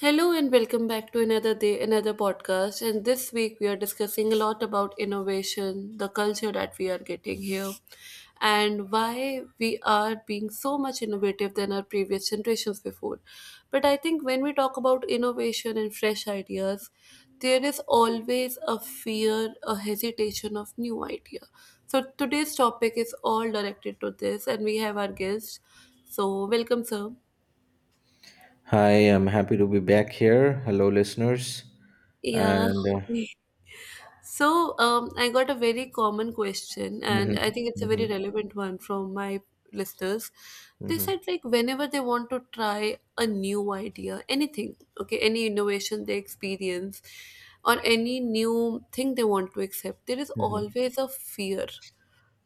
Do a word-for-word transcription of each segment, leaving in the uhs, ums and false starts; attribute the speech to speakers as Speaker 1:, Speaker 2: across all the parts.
Speaker 1: Hello and welcome back to another day, another podcast. And this week we are discussing a lot about innovation, the culture that we are getting here, and why we are being so much innovative than our previous generations before. But I think when we talk about innovation and fresh ideas, there is always a fear, a hesitation of new idea. So today's topic is all directed to this, and we have our guest. So welcome, sir.
Speaker 2: Hi, I'm happy to be back here. Hello, listeners.
Speaker 1: Yeah.
Speaker 2: And uh,
Speaker 1: So, um, I got a very common question,
Speaker 2: mhm,
Speaker 1: and I think it's a very
Speaker 2: mhm,
Speaker 1: relevant one from my listeners. They
Speaker 2: mhm,
Speaker 1: said, like, whenever they want to try a new idea, anything, okay, any innovation they experience, or any new thing they want to accept, there is
Speaker 2: mhm.
Speaker 1: always a fear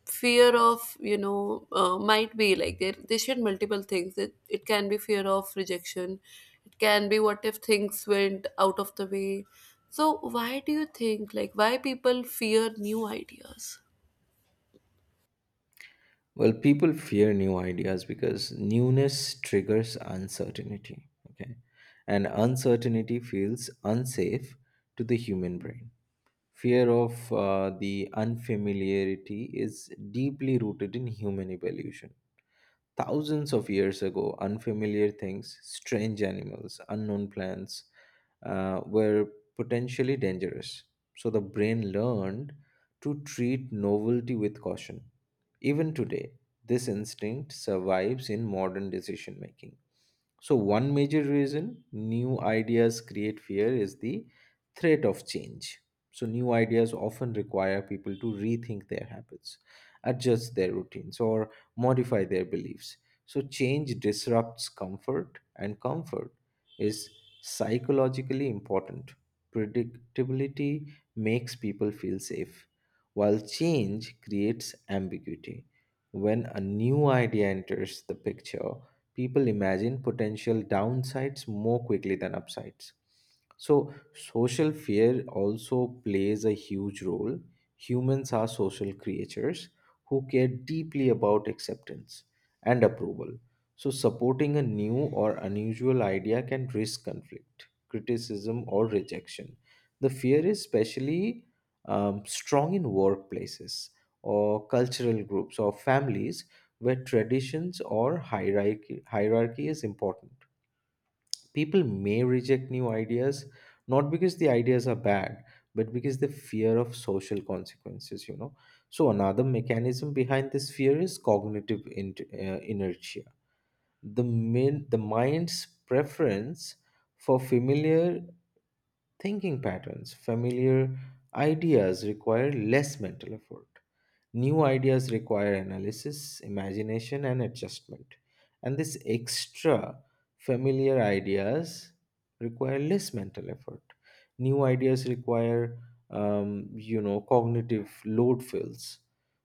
Speaker 1: fear of you know uh, might be like they they shared multiple things. It, it can be fear of rejection. It can be, what if things went out of the way? So why do you think, like, why people fear new ideas?
Speaker 2: well, people fear new ideas because newness triggers uncertainty. Okay. And uncertainty feels unsafe to the human brain. Fear of uh, the unfamiliarity is deeply rooted in human evolution. Thousands of years ago, unfamiliar things, strange animals, unknown plants uh, were potentially dangerous. So the brain learned to treat novelty with caution. Even today, this instinct survives in modern decision making. So, one major reason new ideas create fear is the threat of change. So, new ideas often require people to rethink their habits, adjust their routines, or modify their beliefs. So, change disrupts comfort, and comfort is psychologically important. Predictability makes people feel safe, while change creates ambiguity. When a new idea enters the picture, people imagine potential downsides more quickly than upsides. So, social fear also plays a huge role. Humans are social creatures who care deeply about acceptance and approval. So, supporting a new or unusual idea can risk conflict, criticism, or rejection. The fear is especially um, strong in workplaces or cultural groups or families where traditions or hierarchy, hierarchy is important. People may reject new ideas not because the ideas are bad, but because the fear of social consequences, you know. So, another mechanism behind this fear is cognitive in, uh, inertia. The, min, the mind's preference for familiar thinking patterns, familiar ideas require less mental effort. New ideas require analysis, imagination, and adjustment. And these extra familiar ideas require less mental effort. New ideas require, um, you know, cognitive load fills.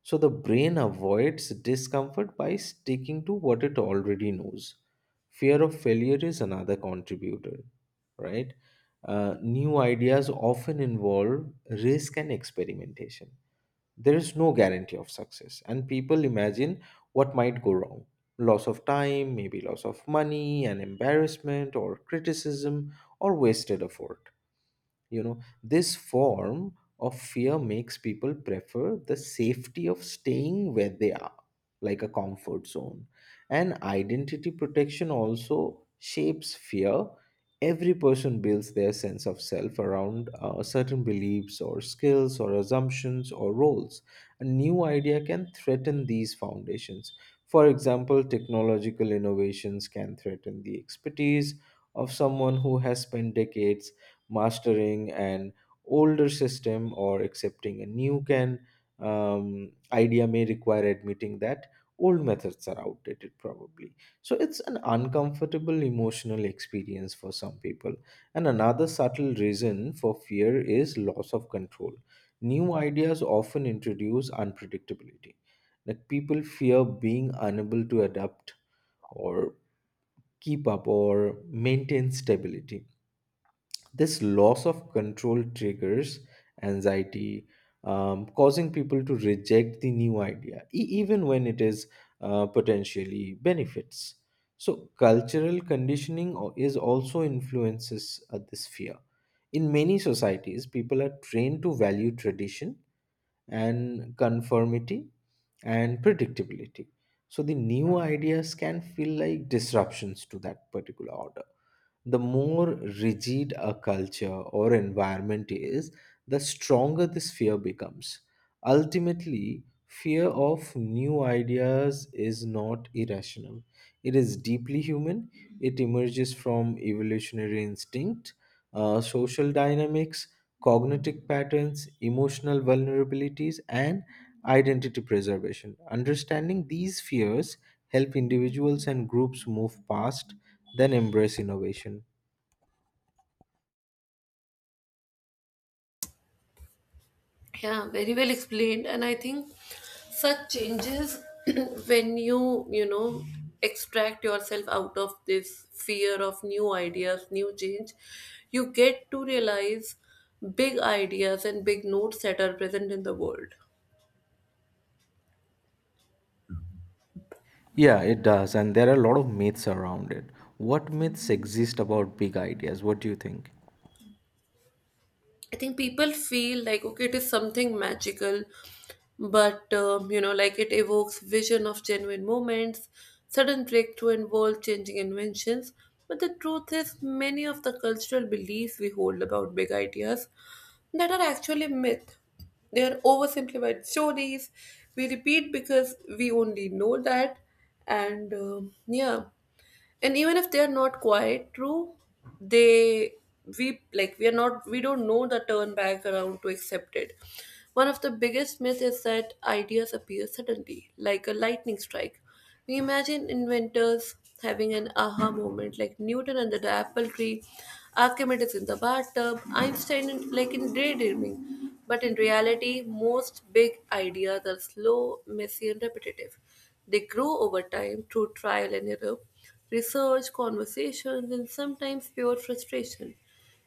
Speaker 2: So the brain avoids discomfort by sticking to what it already knows. Fear of failure is another contributor, right? Uh, new ideas often involve risk and experimentation. There is no guarantee of success, and people imagine what might go wrong, loss of time, maybe loss of money, an embarrassment, or criticism, or wasted effort you know This form of fear makes people prefer the safety of staying where they are, like a comfort zone. And identity protection also shapes fear. Every person builds their sense of self around uh, certain beliefs or skills or assumptions or roles. A new idea can threaten these foundations. For example, technological innovations can threaten the expertise of someone who has spent decades mastering an older system. Or accepting a new can um, idea may require admitting that old methods are outdated probably. So it's an uncomfortable emotional experience for some people. And another subtle reason for fear is loss of control. New ideas often introduce unpredictability. Like, people fear being unable to adapt, or keep up, or maintain stability. This loss of control triggers anxiety, um, causing people to reject the new idea, e- even when it is uh, potentially benefits. So, cultural conditioning o- is also influences uh, this fear. In many societies, people are trained to value tradition and conformity and predictability. So the new ideas can feel like disruptions to that particular order. The more rigid a culture or environment is, the stronger this fear becomes. Ultimately, fear of new ideas is not irrational. It is deeply human. It emerges from evolutionary instinct, uh, social dynamics, cognitive patterns, emotional vulnerabilities, and identity preservation. Understanding these fears help individuals and groups move past, then embrace innovation.
Speaker 1: Yeah, very well explained. And I think such changes, when you, you know, extract yourself out of this fear of new ideas, new change, you get to realize big ideas and big notes that are present in the world.
Speaker 2: Yeah, it does, and there are a lot of myths around it. What myths exist about big ideas? What do you think?
Speaker 1: I think people feel like, okay, it is something magical, but um, you know, like, it evokes vision of genuine moments, sudden breakthrough, and world-changing inventions. But the truth is, many of the cultural beliefs we hold about big ideas that are actually myth. They are oversimplified stories we repeat because we only know that, and um yeah. And even if they are not quite true, they, we like we are not we don't know the turn back around to accept it. One of the biggest myths is that ideas appear suddenly like a lightning strike. We imagine inventors having an aha moment, like Newton under the apple tree, Archimedes in the bathtub, Einstein in, like in daydreaming. But in reality, most big ideas are slow, messy, and repetitive. They grow over time through trial and error, research, conversations, and sometimes pure frustration.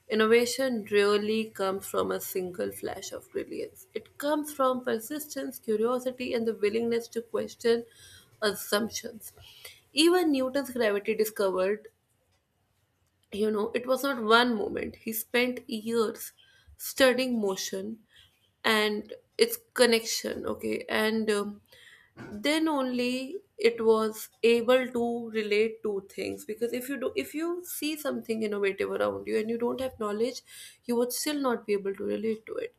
Speaker 1: Innovation really comes from a single flash of brilliance. It comes from persistence, curiosity, and the willingness to question assumptions. Even Newton's gravity discovered, you know, it was not one moment. He spent years studying motion and its connection, okay? And um, then only it was able to relate two things, because if you do if you see something innovative around you and you don't have knowledge, you would still not be able to relate to it.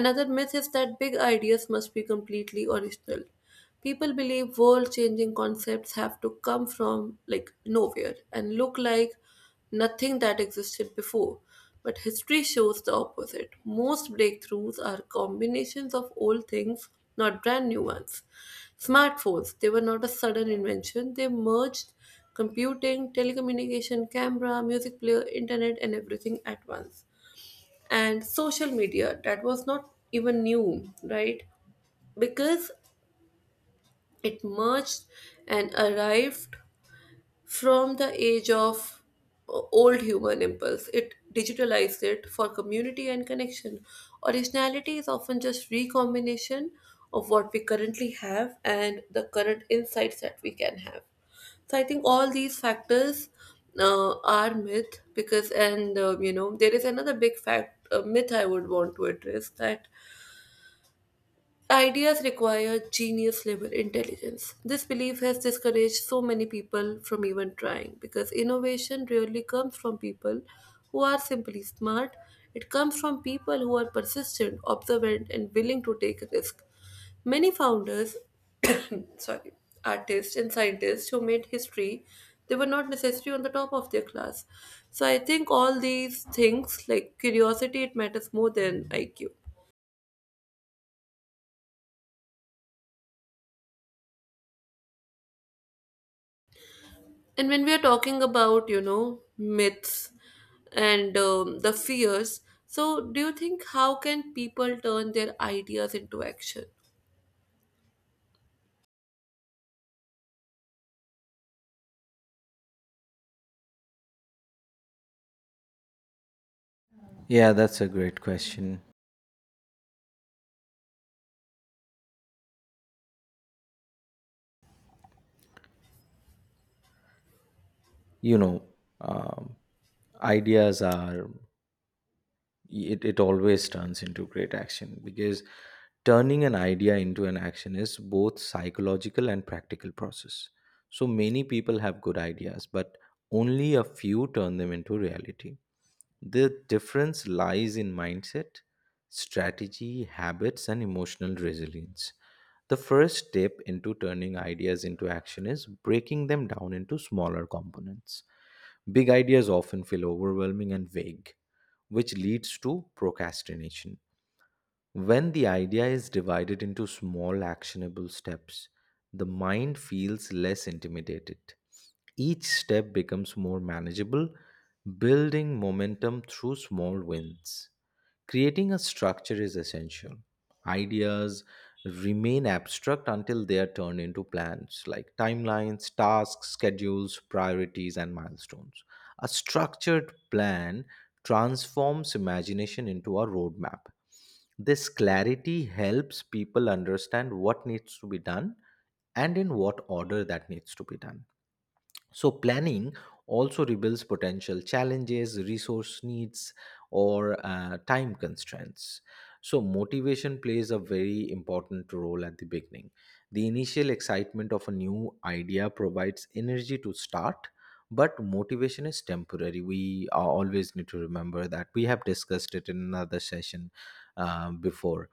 Speaker 1: Another myth is that big ideas must be completely original. People believe world changing concepts have to come from, like, nowhere and look like nothing that existed before. But history shows the opposite. Most breakthroughs are combinations of old things, not brand new ones. Smartphones, they were not a sudden invention, they merged computing, telecommunication, camera, music player, internet, and everything at once. And social media, that was not even new, right? Because it merged and arrived from the age of o- old human impulse. It digitalized it for community and connection. Originality is often just recombination of what we currently have and the current insights that we can have. So I think all these factors uh, are myth because, and uh, you know, there is another big fact, uh, myth I would want to address, that ideas require genius level intelligence. This belief has discouraged so many people from even trying, because innovation rarely comes from people who are simply smart. It comes from people who are persistent, observant, and willing to take a risk. Many founders, sorry, artists and scientists who made history, they were not necessarily on the top of their class. So I think all these things, like curiosity, it matters more than I Q. And when we are talking about, you know, myths and um, the fears, so do you think, how can people turn their ideas into action?
Speaker 2: Yeah, that's a great question. You know, um, ideas are, it, it always turns into great action because turning an idea into an action is both psychological and practical process. So many people have good ideas, but only a few turn them into reality. The difference lies in mindset, strategy, habits, and emotional resilience. The first step into turning ideas into action is breaking them down into smaller components. Big ideas often feel overwhelming and vague, which leads to procrastination. When the idea is divided into small actionable steps, the mind feels less intimidated. Each step becomes more manageable, building momentum through small wins. Creating a structure is essential. Ideas remain abstract until they are turned into plans like timelines, tasks, schedules, priorities, and milestones. A structured plan transforms imagination into a roadmap. This clarity helps people understand what needs to be done and in what order that needs to be done. So, planning also reveals potential challenges, resource needs, or uh, time constraints. So, motivation plays a very important role at the beginning. The initial excitement of a new idea provides energy to start, but motivation is temporary. We uh, always need to remember that. We have discussed it in another session uh, before.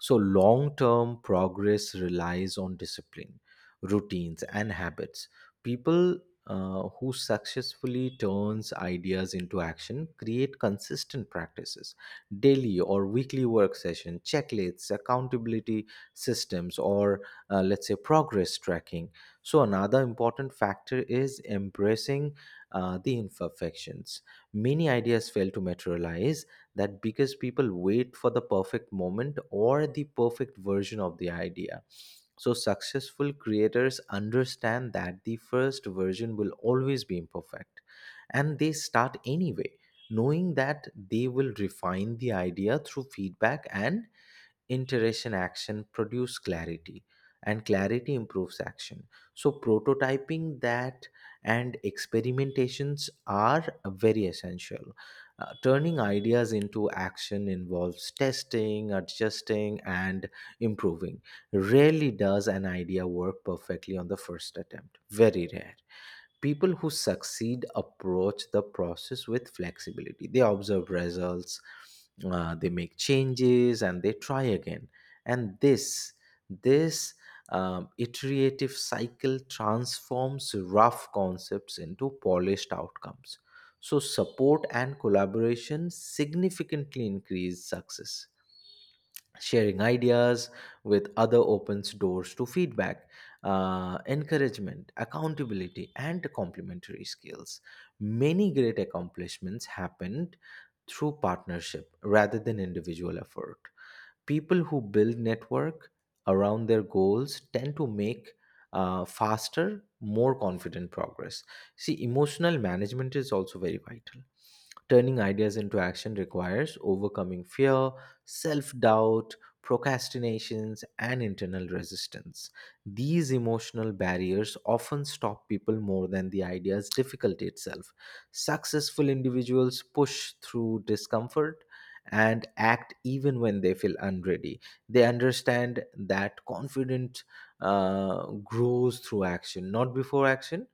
Speaker 2: So, long term progress relies on discipline, routines, and habits. People uh, who successfully turns ideas into action create consistent practices, daily or weekly work session checklists, accountability systems, or uh, let's say progress tracking. So another important factor is embracing uh, the imperfections. Many ideas fail to materialize, that because people wait for the perfect moment or the perfect version of the idea. So, successful creators understand that the first version will always be imperfect, and they start anyway, knowing that they will refine the idea through feedback and interaction. Action produce clarity, and clarity improves action. So prototyping that and experimentations are very essential. Uh, turning ideas into action involves testing, adjusting, and improving. Rarely does an idea work perfectly on the first attempt. Very rare. People who succeed approach the process with flexibility. They observe results, uh, they make changes, and they try again. And this this um, iterative cycle transforms rough concepts into polished outcomes. So support and collaboration significantly increase success. Sharing ideas with other opens doors to feedback, uh, encouragement, accountability, and complementary skills. Many great accomplishments happened through partnership rather than individual effort. People who build network around their goals tend to make uh, faster, more confident progress. See, emotional management is also very vital. Turning ideas into action requires overcoming fear, self doubt, procrastinations, and internal resistance. These emotional barriers often stop people more than the idea's difficulty itself. Successful individuals push through discomfort and act even when they feel unready. They understand that confidence uh, grows through action, not before action.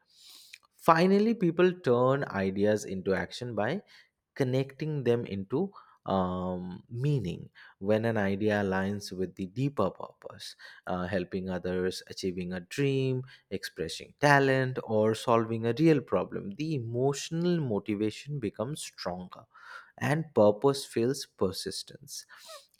Speaker 2: Finally, people turn ideas into action by connecting them into um, meaning. When an idea aligns with the deeper purpose, uh, helping others, achieving a dream, expressing talent, or solving a real problem, the emotional motivation becomes stronger and purpose feels persistence.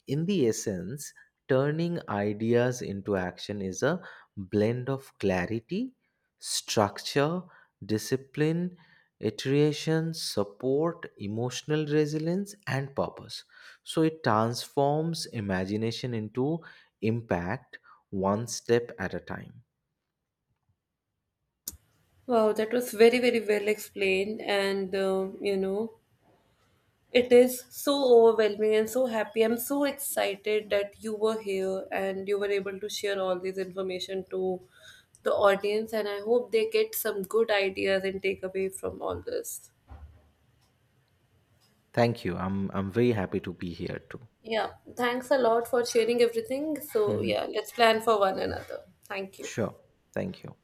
Speaker 2: In the essence, turning ideas into action is a blend of clarity, structure, discipline, iteration, support, emotional resilience, and purpose. So it transforms imagination into impact one step at a time.
Speaker 1: Wow, that was very, very well explained. And, um, you know, it is so overwhelming and so happy. I'm so excited that you were here and you were able to share all this information to the audience. And I hope they get some good ideas and take away from all this.
Speaker 2: Thank you. I'm I'm very happy to be here too.
Speaker 1: Yeah, thanks a lot for sharing everything. So,
Speaker 2: Mhm.
Speaker 1: yeah, let's plan for one another. Thank you.
Speaker 2: Sure. Thank you.